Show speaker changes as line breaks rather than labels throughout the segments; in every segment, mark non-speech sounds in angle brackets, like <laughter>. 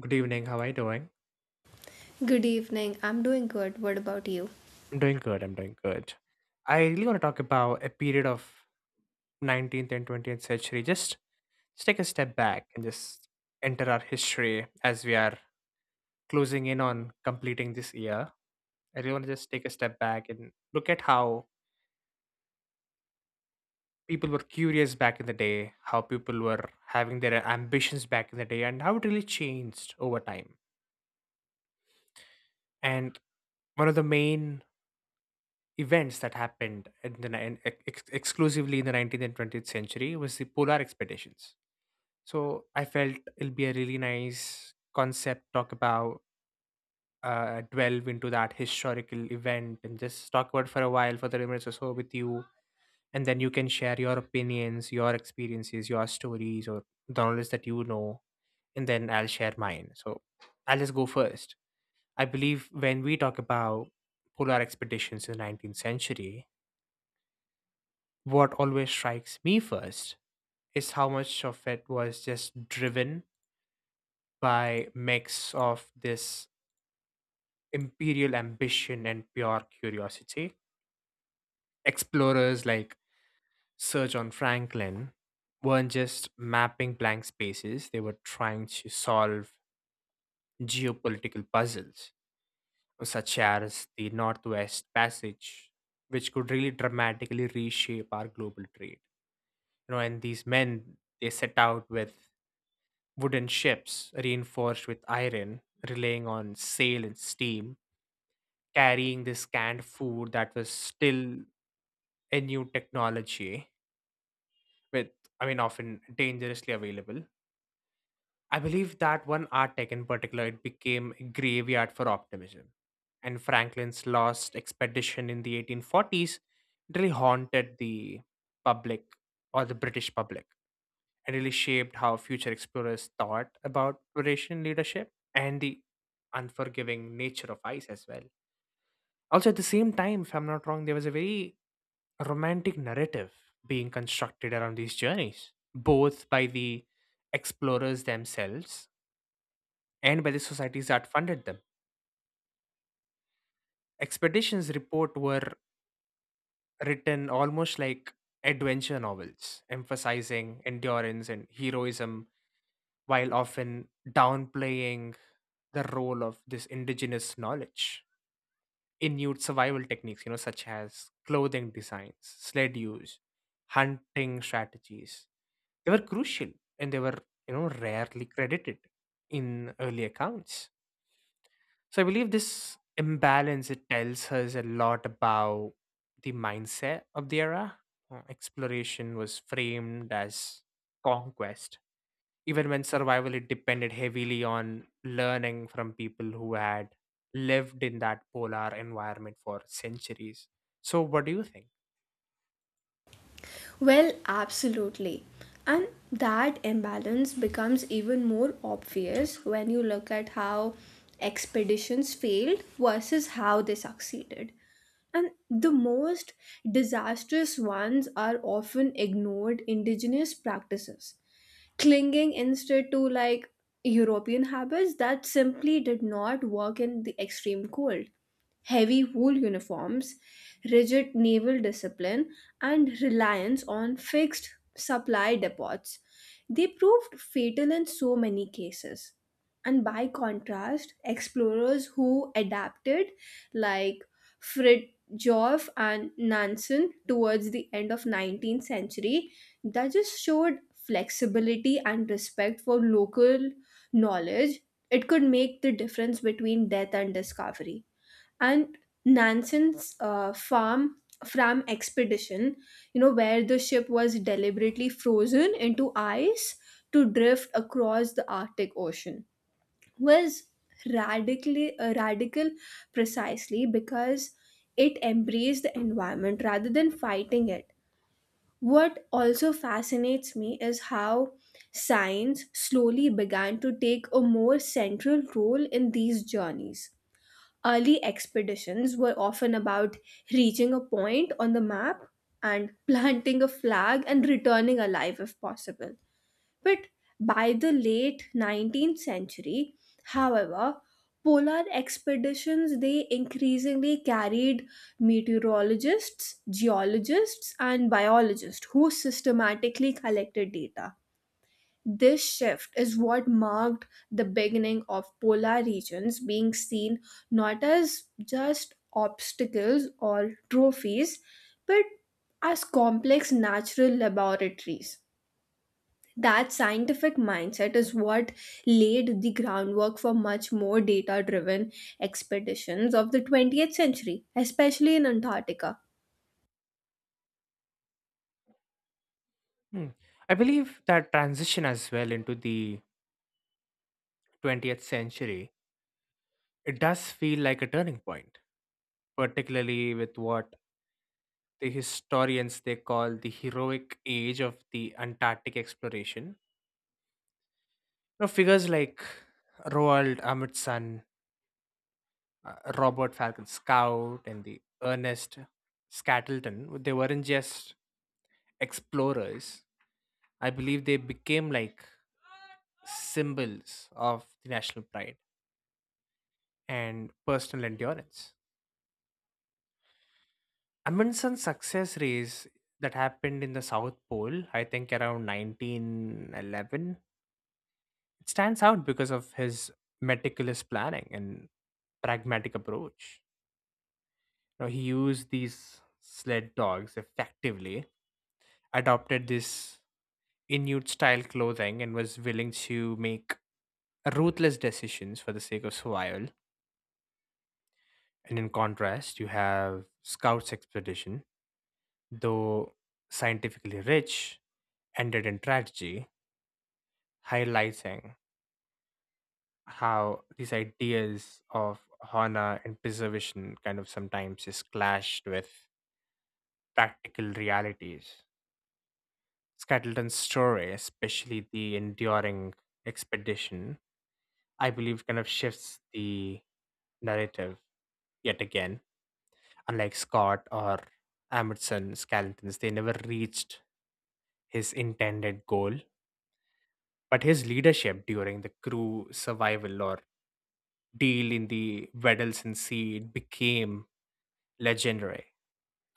Good evening. How are you doing?
Good evening. I'm doing good. What about you?
I'm doing good. I really want to talk about a period of 19th and 20th century. Just take a step back and just enter our history as we are closing in on completing this year. I really want to just take a step back and look at how people were curious back in the day, how people were having their ambitions back in the day, and how it really changed over time. And one of the main events that happened in the nin- ex- ex- exclusively in the 19th and 20th century was the polar expeditions. So I felt it'll be a really nice concept talk about delve into that historical event and just talk about it for a while for 30 minutes or so with you, and then you can share your opinions, your experiences, your stories, or the knowledge that you know, and then I'll share mine. So I'll just go first. I believe when we talk about polar expeditions in the 19th century, what always strikes me first is how much of it was just driven by mix of this imperial ambition and pure curiosity. Explorers like Sir John Franklin weren't just mapping blank spaces, they were trying to solve geopolitical puzzles such as the Northwest Passage, which could really dramatically reshape our global trade, you know. And these men, they set out with wooden ships, reinforced with iron, relying on sail and steam, carrying this canned food that was still a new technology with, I mean, often dangerously available. I believe that one art tech in particular, it became a graveyard for optimism, and Franklin's lost expedition in the 1840s really haunted the public, or the British public, and really shaped how future explorers thought about Eurasian leadership and the unforgiving nature of ice as well. Also, at the same time, if I'm not wrong, there was a very romantic narrative being constructed around these journeys, both by the explorers themselves and by the societies that funded them. Expeditions report were written almost like adventure novels, emphasizing endurance and heroism while often downplaying the role of this indigenous knowledge. Inuit survival techniques, you know, such as clothing designs, sled use, hunting strategies, they were crucial, and they were, you know, rarely credited in early accounts. So I believe this imbalance, it tells us a lot about the mindset of the era. Exploration was framed as conquest even when survival, it depended heavily on learning from people who had lived in that polar environment for centuries. So what do you think?
Well, absolutely. And that imbalance becomes even more obvious when you look at how expeditions failed versus how they succeeded. And the most disastrous ones are often ignored indigenous practices clinging instead to like European habits that simply did not work in the extreme cold. Heavy wool uniforms, rigid naval discipline, and reliance on fixed supply depots. They proved fatal in so many cases. And by contrast, explorers who adapted, like Fridtjof and Nansen towards the end of 19th century, that just showed flexibility and respect for local knowledge, it could make the difference between death and discovery. And Nansen's farm Fram expedition, you know, where the ship was deliberately frozen into ice to drift across the Arctic Ocean, was radical precisely because it embraced the environment rather than fighting it. What also fascinates me is how science slowly began to take a more central role in these journeys. Early expeditions were often about reaching a point on the map and <laughs> planting a flag and returning alive if possible. But by the late 19th century, however, polar expeditions they increasingly carried meteorologists, geologists and biologists who systematically collected data. This shift is what marked the beginning of polar regions being seen not as just obstacles or trophies but as complex natural laboratories. That scientific mindset is what laid the groundwork for much more data driven expeditions of the 20th century, especially in Antarctica.
Hmm. I believe that transition as well into the 20th century, it does feel like a turning point, particularly with what the historians they call the heroic age of the Antarctic exploration. You know, figures like Roald Amundsen, Robert Falcon Scout and the Ernest Scattleton, they weren't just explorers. I believe they became like symbols of the national pride and personal endurance. Amundsen's success race that happened in the South Pole, I think around 1911, it stands out because of his meticulous planning and pragmatic approach. Now, he used these sled dogs effectively, adopted this Inuit style clothing, and was willing to make ruthless decisions for the sake of survival. And in contrast, you have Scout's expedition, though scientifically rich, ended in tragedy, highlighting how these ideas of honor and preservation kind of sometimes is clashed with practical realities. Skettleton's story, especially the enduring expedition, I believe kind of shifts the narrative yet again. Unlike Scott or Amundsen Skeletons, they never reached his intended goal. But his leadership during the crew survival or deal in the Weddellston Sea became legendary.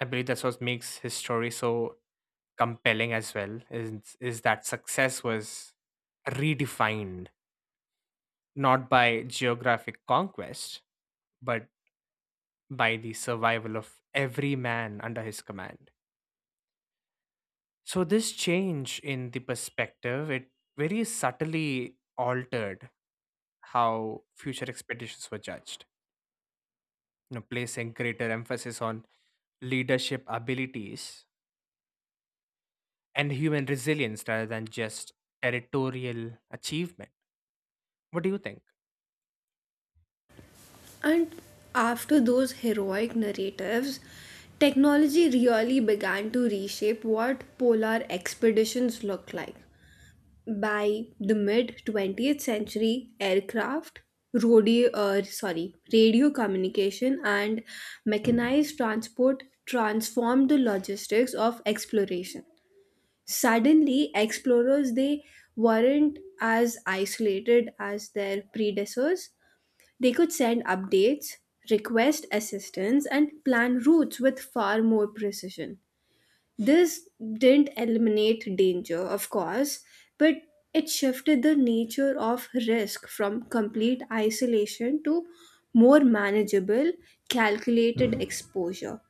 I believe that's what makes his story so compelling as well, is that success was redefined not by geographic conquest, but by the survival of every man under his command. So this change in the perspective, it very subtly altered how future expeditions were judged, you know, placing greater emphasis on leadership abilities and human resilience rather than just territorial achievement. What do you think?
And after those heroic narratives, technology really began to reshape what polar expeditions looked like. By the mid 20th century, aircraft, radio communication, and mechanized transport transformed the logistics of exploration. Suddenly, explorers they weren't as isolated as their predecessors. They could send updates, request assistance, and plan routes with far more precision. This didn't eliminate danger, of course, but it shifted the nature of risk from complete isolation to more manageable, calculated exposure.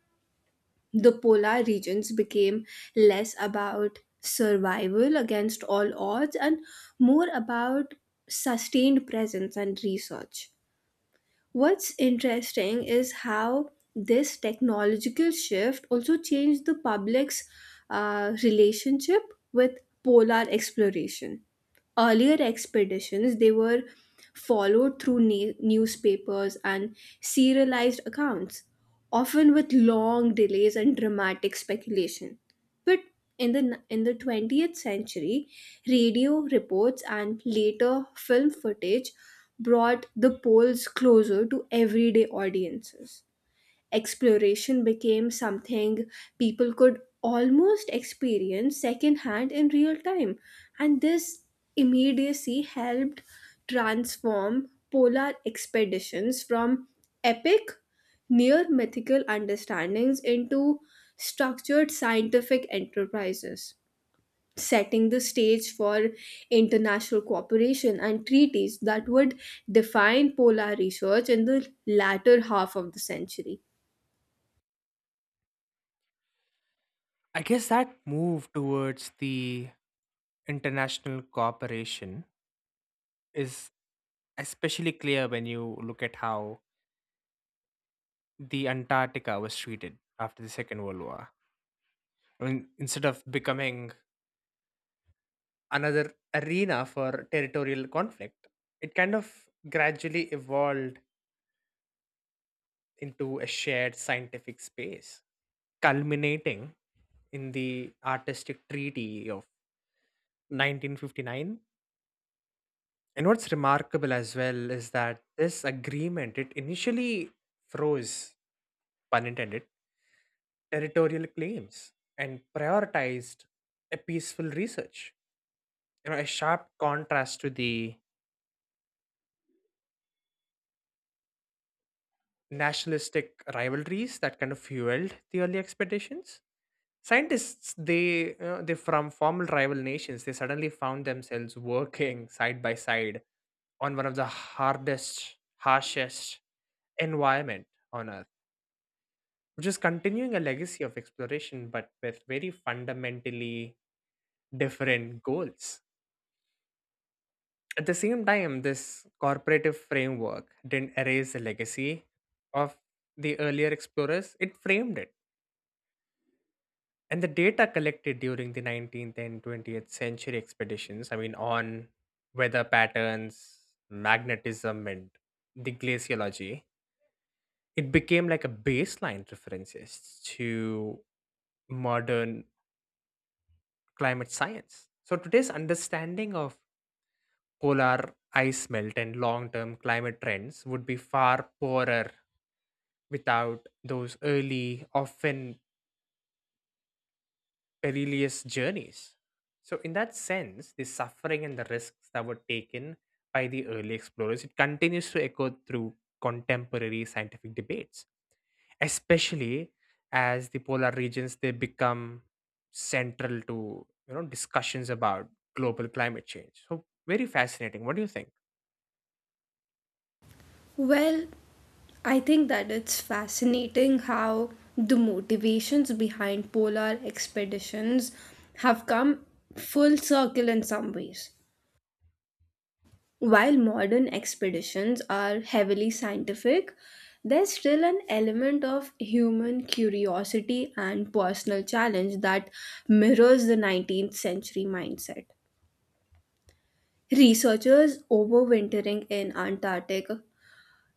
The polar regions became less about survival against all odds and more about sustained presence and research. What's interesting is how this technological shift also changed the public's relationship with polar exploration. Earlier expeditions, they were followed through newspapers and serialized accounts, often with long delays and dramatic speculation. But in the in the 20th century, radio reports and later film footage brought the polls closer to everyday audiences. Exploration became something people could almost experience secondhand in real time, and this immediacy helped transform polar expeditions from epic, near mythical understandings into structured scientific enterprises, setting the stage for international cooperation and treaties that would define polar research in the latter half of the century.
I guess that move towards the international cooperation is especially clear when you look at how the Antarctica was treated after the Second World War. I mean, instead of becoming another arena for territorial conflict, it kind of gradually evolved into a shared scientific space, culminating in the artistic treaty of 1959. And what's remarkable as well is that this agreement, it initially froze, pun intended, territorial claims and prioritized a peaceful research. You know, a sharp contrast to the nationalistic rivalries that kind of fueled the early expeditions. Scientists, they from formal rival nations, they suddenly found themselves working side by side on one of the hardest, harshest environment on Earth, which is continuing a legacy of exploration, but with very fundamentally different goals. At the same time, this corporative framework didn't erase the legacy of the earlier explorers; it framed it. And the data collected during the 19th and 20th century expeditions, I mean, on weather patterns, magnetism, and the glaciology, it became like a baseline references to modern climate science. So today's understanding of polar ice melt and long-term climate trends would be far poorer without those early, often perilous journeys. So, in that sense, the suffering and the risks that were taken by the early explorers, it continues to echo through contemporary scientific debates, especially as the polar regions they become central to, you know, discussions about global climate change. So very fascinating. What do you think?
Well, I think that it's fascinating how the motivations behind polar expeditions have come full circle in some ways. While modern expeditions are heavily scientific, there's still an element of human curiosity and personal challenge that mirrors the 19th century mindset. Researchers overwintering in Antarctic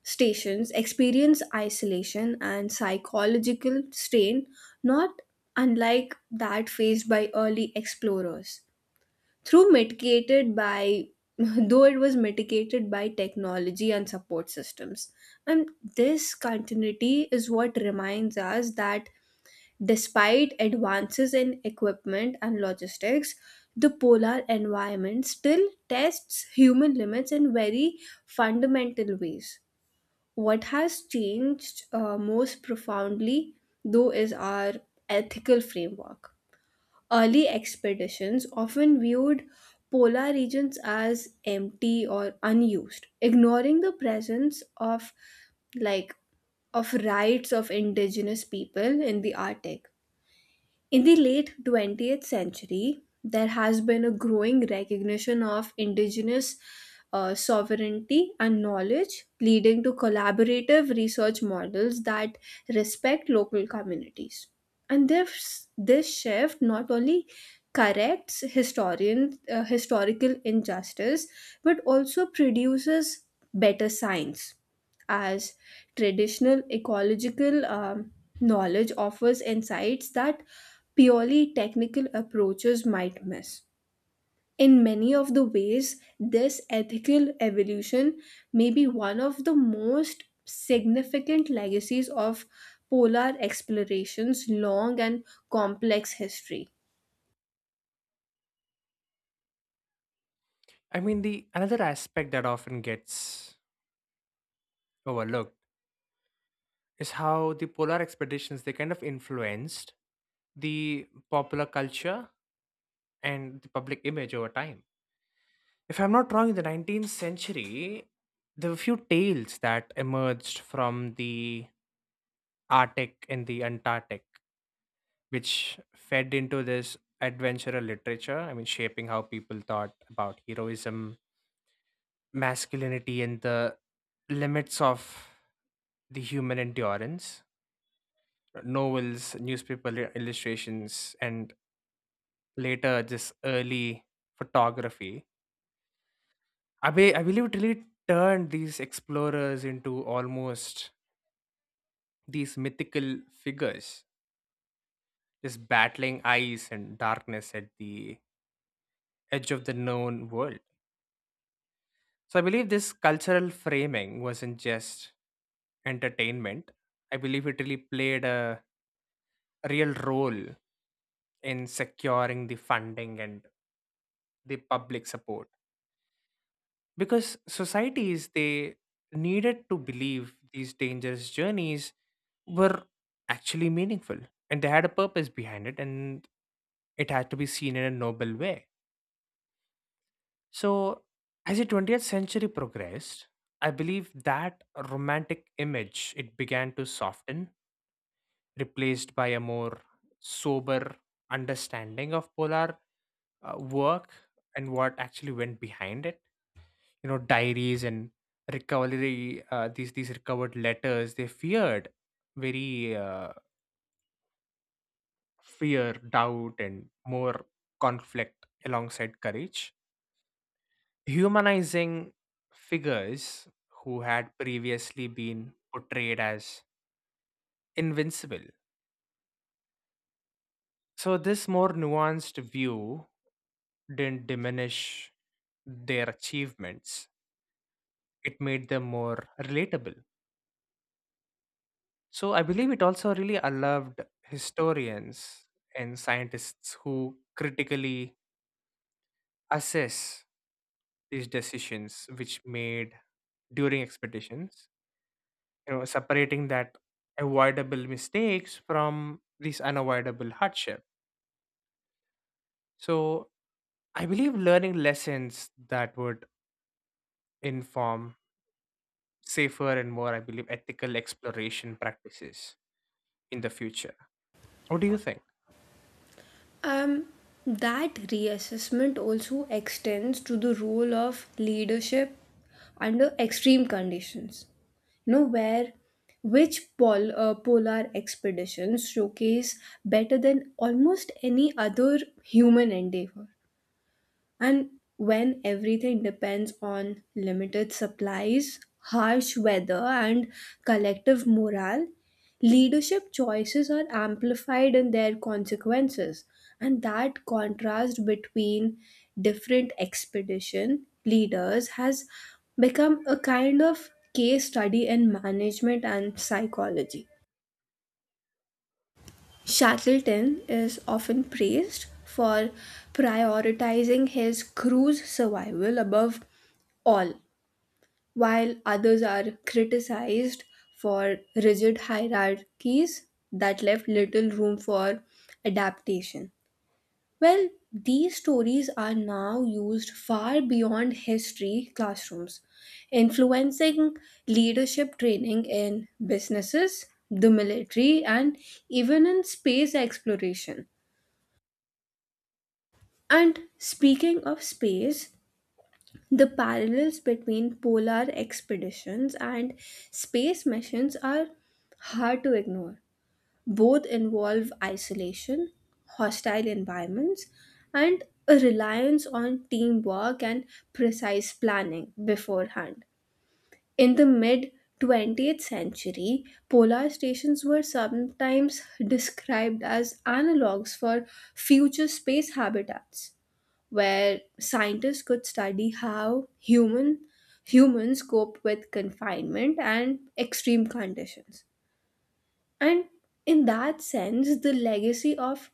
stations experience isolation and psychological strain not unlike that faced by early explorers, through mitigated by <laughs> though it was mitigated by technology and support systems, and this continuity is what reminds us that despite advances in equipment and logistics the polar environment still tests human limits in very fundamental ways. What has changed most profoundly though is our ethical framework. Early expeditions often viewed polar regions as empty or unused, ignoring the presence of, like of rights of indigenous people in the Arctic. In the late 20th century, there has been a growing recognition of indigenous sovereignty and knowledge, leading to collaborative research models that respect local communities. And this shift not only corrects historical injustice but also produces better science, as traditional ecological knowledge offers insights that purely technical approaches might miss. In many of the ways, this ethical evolution may be one of the most significant legacies of polar exploration's long and complex history.
I mean, the another aspect that often gets overlooked is how the polar expeditions they kind of influenced the popular culture and the public image over time. If I'm not wrong, in the 19th century, there were few tales that emerged from the Arctic and the Antarctic, which fed into this adventurer literature. I mean, shaping how people thought about heroism, masculinity, and the limits of the human endurance. Novels, newspaper illustrations, and later this early photography, I believe it really turned these explorers into almost these mythical figures, just battling ice and darkness at the edge of the known world. So I believe this cultural framing wasn't just entertainment. I believe it really played a real role in securing the funding and the public support because societies they needed to believe these dangerous journeys were actually meaningful, and they had a purpose behind it, and it had to be seen in a noble way. So, as the 20th century progressed, I believe that romantic image it began to soften, replaced by a more sober understanding of polar work and what actually went behind it. You know, diaries and recovery these recovered letters, they feared very fear, doubt, and more conflict alongside courage, humanizing figures who had previously been portrayed as invincible. So, this more nuanced view didn't diminish their achievements, it made them more relatable. So, I believe it also really allowed historians and scientists who critically assess these decisions which made during expeditions, you know, separating that avoidable mistakes from these unavoidable hardship. So I believe learning lessons that would inform safer and more, I believe, ethical exploration practices in the future. What do you think?
Um, that reassessment also extends to the role of leadership under extreme conditions. You know, where which polar expeditions showcase better than almost any other human endeavor? And when everything depends on limited supplies, harsh weather, and collective morale, leadership choices are amplified in their consequences. And that contrast between different expedition leaders has become a kind of case study in management and psychology. Shackleton is often praised for prioritizing his crew's survival above all, while others are criticized for rigid hierarchies that left little room for adaptation. Well, these stories are now used far beyond history classrooms, influencing leadership training in businesses, the military, and even in space exploration. And speaking of space, the parallels between polar expeditions and space missions are hard to ignore. Both involve isolation, hostile environments, and a reliance on teamwork and precise planning beforehand. In the mid 20th century, polar stations were sometimes described as analogs for future space habitats, where scientists could study how humans cope with confinement and extreme conditions. And in that sense, the legacy of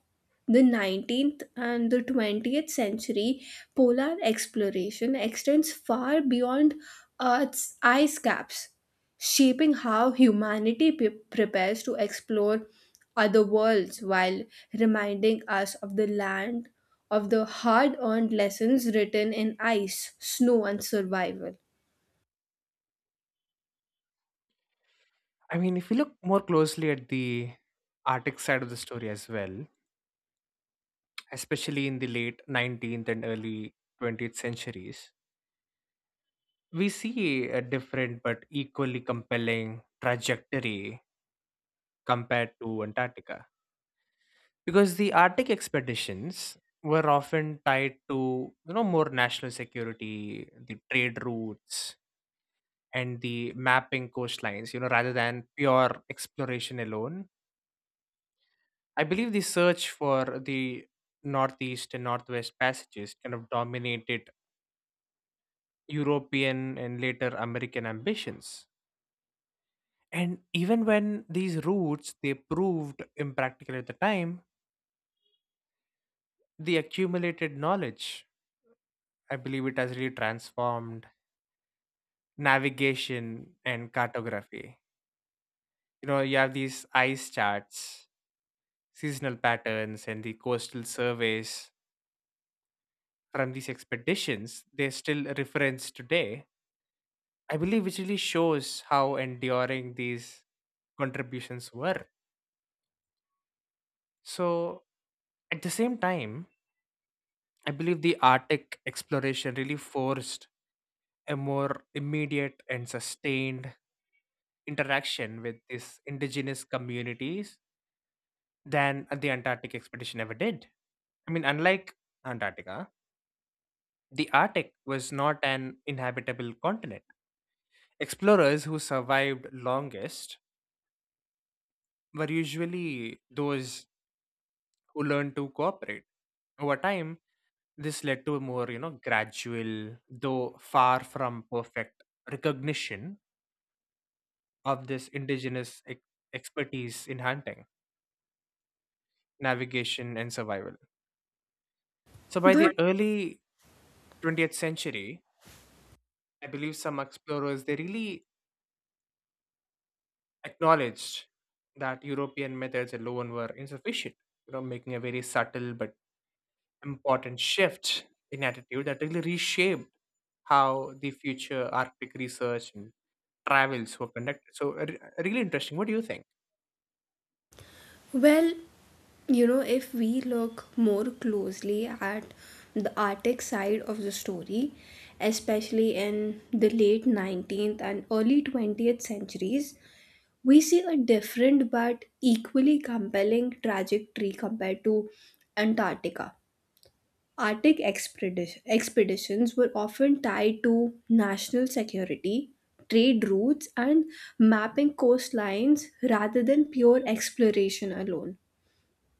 the 19th and the 20th century polar exploration extends far beyond Earth's ice caps, shaping how humanity prepares to explore other worlds while reminding us of the land of the hard earned lessons written in ice, snow, and survival.
I mean, if you look more closely at the Arctic side of the story as well, especially in the late 19th and early 20th centuries, we see a different but equally compelling trajectory compared to Antarctica because the Arctic expeditions were often tied to, you know, more national security, the trade routes, and the mapping coastlines. You know, rather than pure exploration alone. I believe the search for the northeast and northwest passages kind of dominated European and later American ambitions. And even when these routes they proved impractical at the time, the accumulated knowledge, I believe it has really transformed navigation and cartography. You know, you have these ice charts, seasonal patterns, and the coastal surveys from these expeditions, they still reference today. I believe which really shows how enduring these contributions were. So at the same time, I believe the Arctic exploration really forced a more immediate and sustained interaction with these indigenous communities than the Antarctic expedition ever did. I mean, unlike Antarctica, the Arctic was not an inhabitable continent. Explorers who survived longest were usually those who learned to cooperate. Over time, this led to a more, you know, gradual, though far from perfect, recognition of this indigenous expertise in hunting, navigation, and survival. So by
But
the early 20th century, I believe some explorers they really acknowledged that European methods alone were insufficient, you know, making a very subtle but important shift in attitude that really reshaped how the future Arctic research and travels were conducted. So really interesting. What do you think?
well, you know, if we look more closely at the Arctic side of the story, especially in the late 19th and early 20th centuries, we see a different but equally compelling trajectory compared to Antarctica. Arctic expeditions were often tied to national security, trade routes, and mapping coastlines rather than pure exploration alone.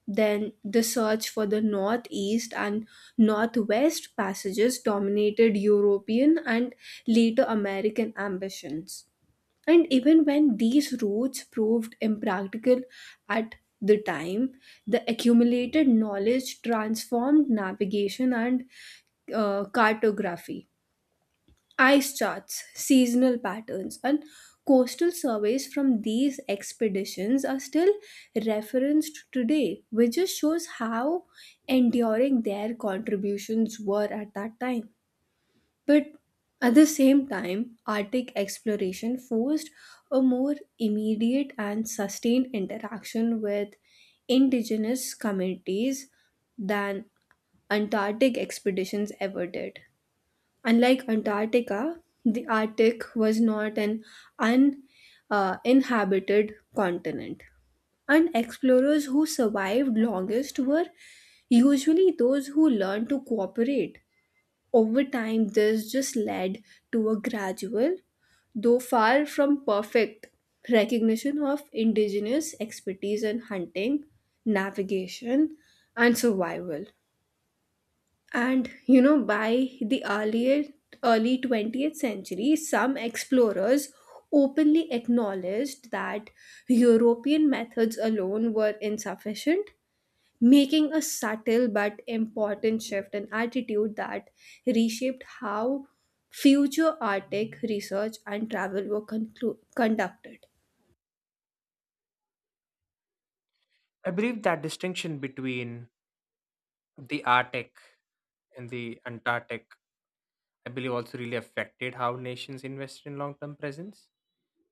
Then the search for the northeast and northwest passages dominated European and later American ambitions. And even when these routes proved impractical at the time, the accumulated knowledge transformed navigation and cartography. Ice charts, seasonal patterns, and coastal surveys from these expeditions are still referenced today, which just shows how enduring their contributions were at that time. But at the same time, Arctic exploration forced a more immediate and sustained interaction with indigenous communities than Antarctic expeditions ever did. Unlike Antarctica, the Arctic was not an uninhabited inhabited continent, and explorers who survived longest were usually those who learned to cooperate. Over time, this just led to a gradual, though far from perfect, recognition of indigenous expertise in hunting, navigation, and survival. And you know, by the earlier early 20th century, some explorers openly acknowledged that European methods alone were insufficient, making a subtle but important shift in attitude that reshaped how future Arctic research and travel were conducted.
I believe that distinction between the Arctic and the Antarctic, I believe also really affected how nations invested in long-term presence,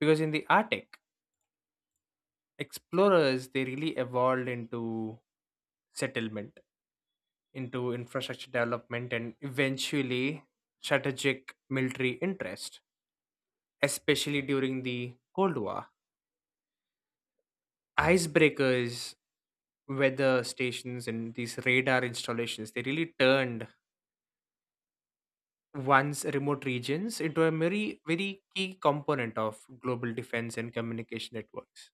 because in the Arctic, explorers they really evolved into settlement, into infrastructure development, and eventually strategic military interest, especially during the Cold War. Icebreakers, weather stations, and these radar installations they really turned once remote regions into a very very key component of global defense and communication networks.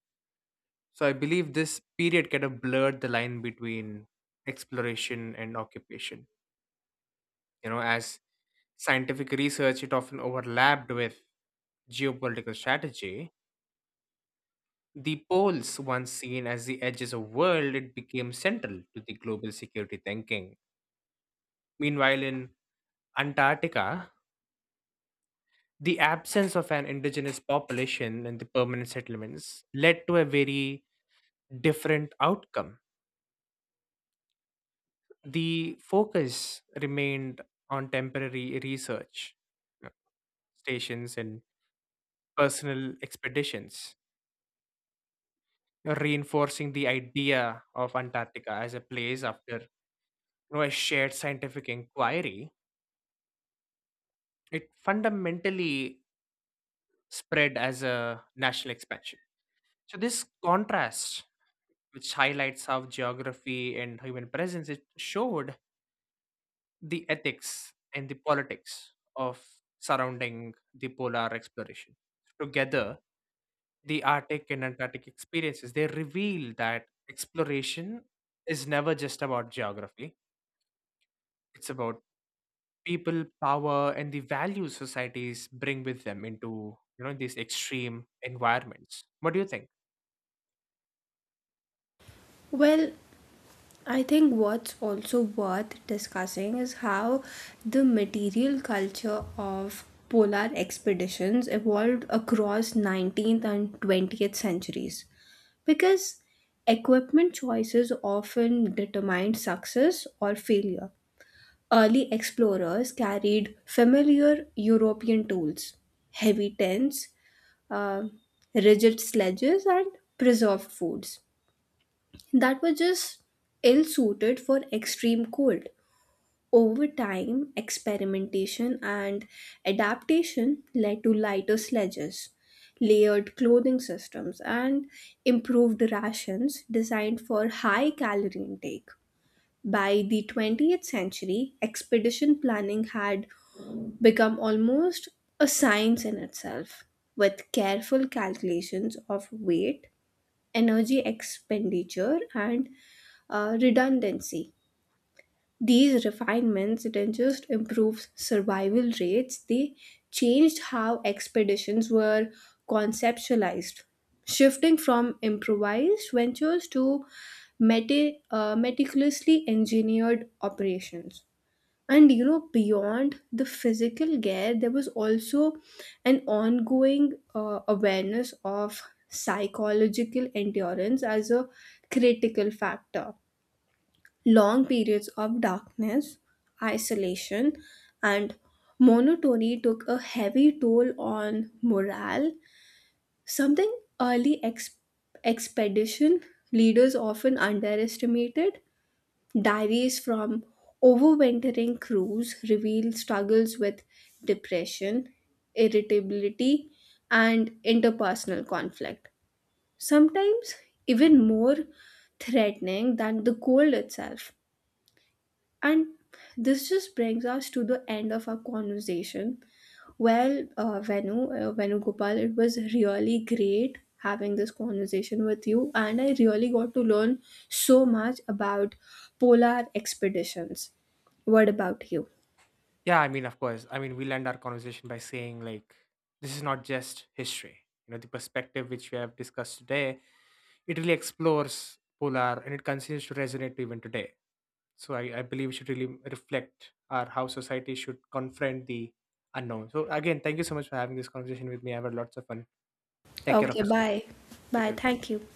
So I believe this period kind of blurred the line between exploration and occupation. You know, as scientific research, it often overlapped with geopolitical strategy. The poles, once seen as the edges of world, it became central to the global security thinking. Meanwhile, in Antarctica, the absence of an indigenous population and the permanent settlements led to a very different outcome. The focus remained on temporary research uh, stations and personal expeditions, reinforcing the idea of Antarctica as a place after, you know, a shared scientific inquiry. It fundamentally spread as a national expansion. So, this contrast, which highlights how geography and human presence, it showed the ethics and the politics of surrounding the polar exploration. Together, the Arctic and Antarctic experiences, they reveal that exploration is never just about geography. It's about people, power, and the values societies bring with them into, you know, these extreme environments. What do you think?
Well, I think what's also worth discussing is how the material culture of polar expeditions evolved across 19th and 20th centuries. Because equipment choices often determined success or failure. Early explorers carried familiar European tools, heavy tents, uh, rigid sledges, and preserved foods that were just ill suited for extreme cold. Over time, experimentation and adaptation led to lighter sledges, layered clothing systems, and improved rations designed for high calorie intake. By the 20th century, expedition planning had become almost a science in itself, with careful calculations of weight, energy expenditure, and redundancy. These refinements didn't just improve survival rates, they changed how expeditions were conceptualized, shifting from improvised ventures to meticulously engineered operations. And you know, beyond the physical care, there was also an ongoing awareness of psychological endurance as a critical factor. Long periods of darkness, isolation, and monotony took a heavy toll on morale, something early expedition leaders often underestimated. Diaries from overwintering crews reveal struggles with depression, irritability, and interpersonal conflict, sometimes even more threatening than the cold itself. And this just brings us to the end of our conversation. Well, Venu Gopal, it was really great having this conversation with you, and I really got to learn so much about polar expeditions. What about you?
Yeah, I mean, of course. I mean, we'll end our conversation by saying like this is not just history. You know, the perspective which we have discussed today, it really explores polar and it continues to resonate even today. So I believe we should really reflect our how society should confront the unknown. So again, thank you so much for having this conversation with me. I had lots of fun. Take care of
Okay,
yourself.
bye.
Take
Bye.
care.
Thank you.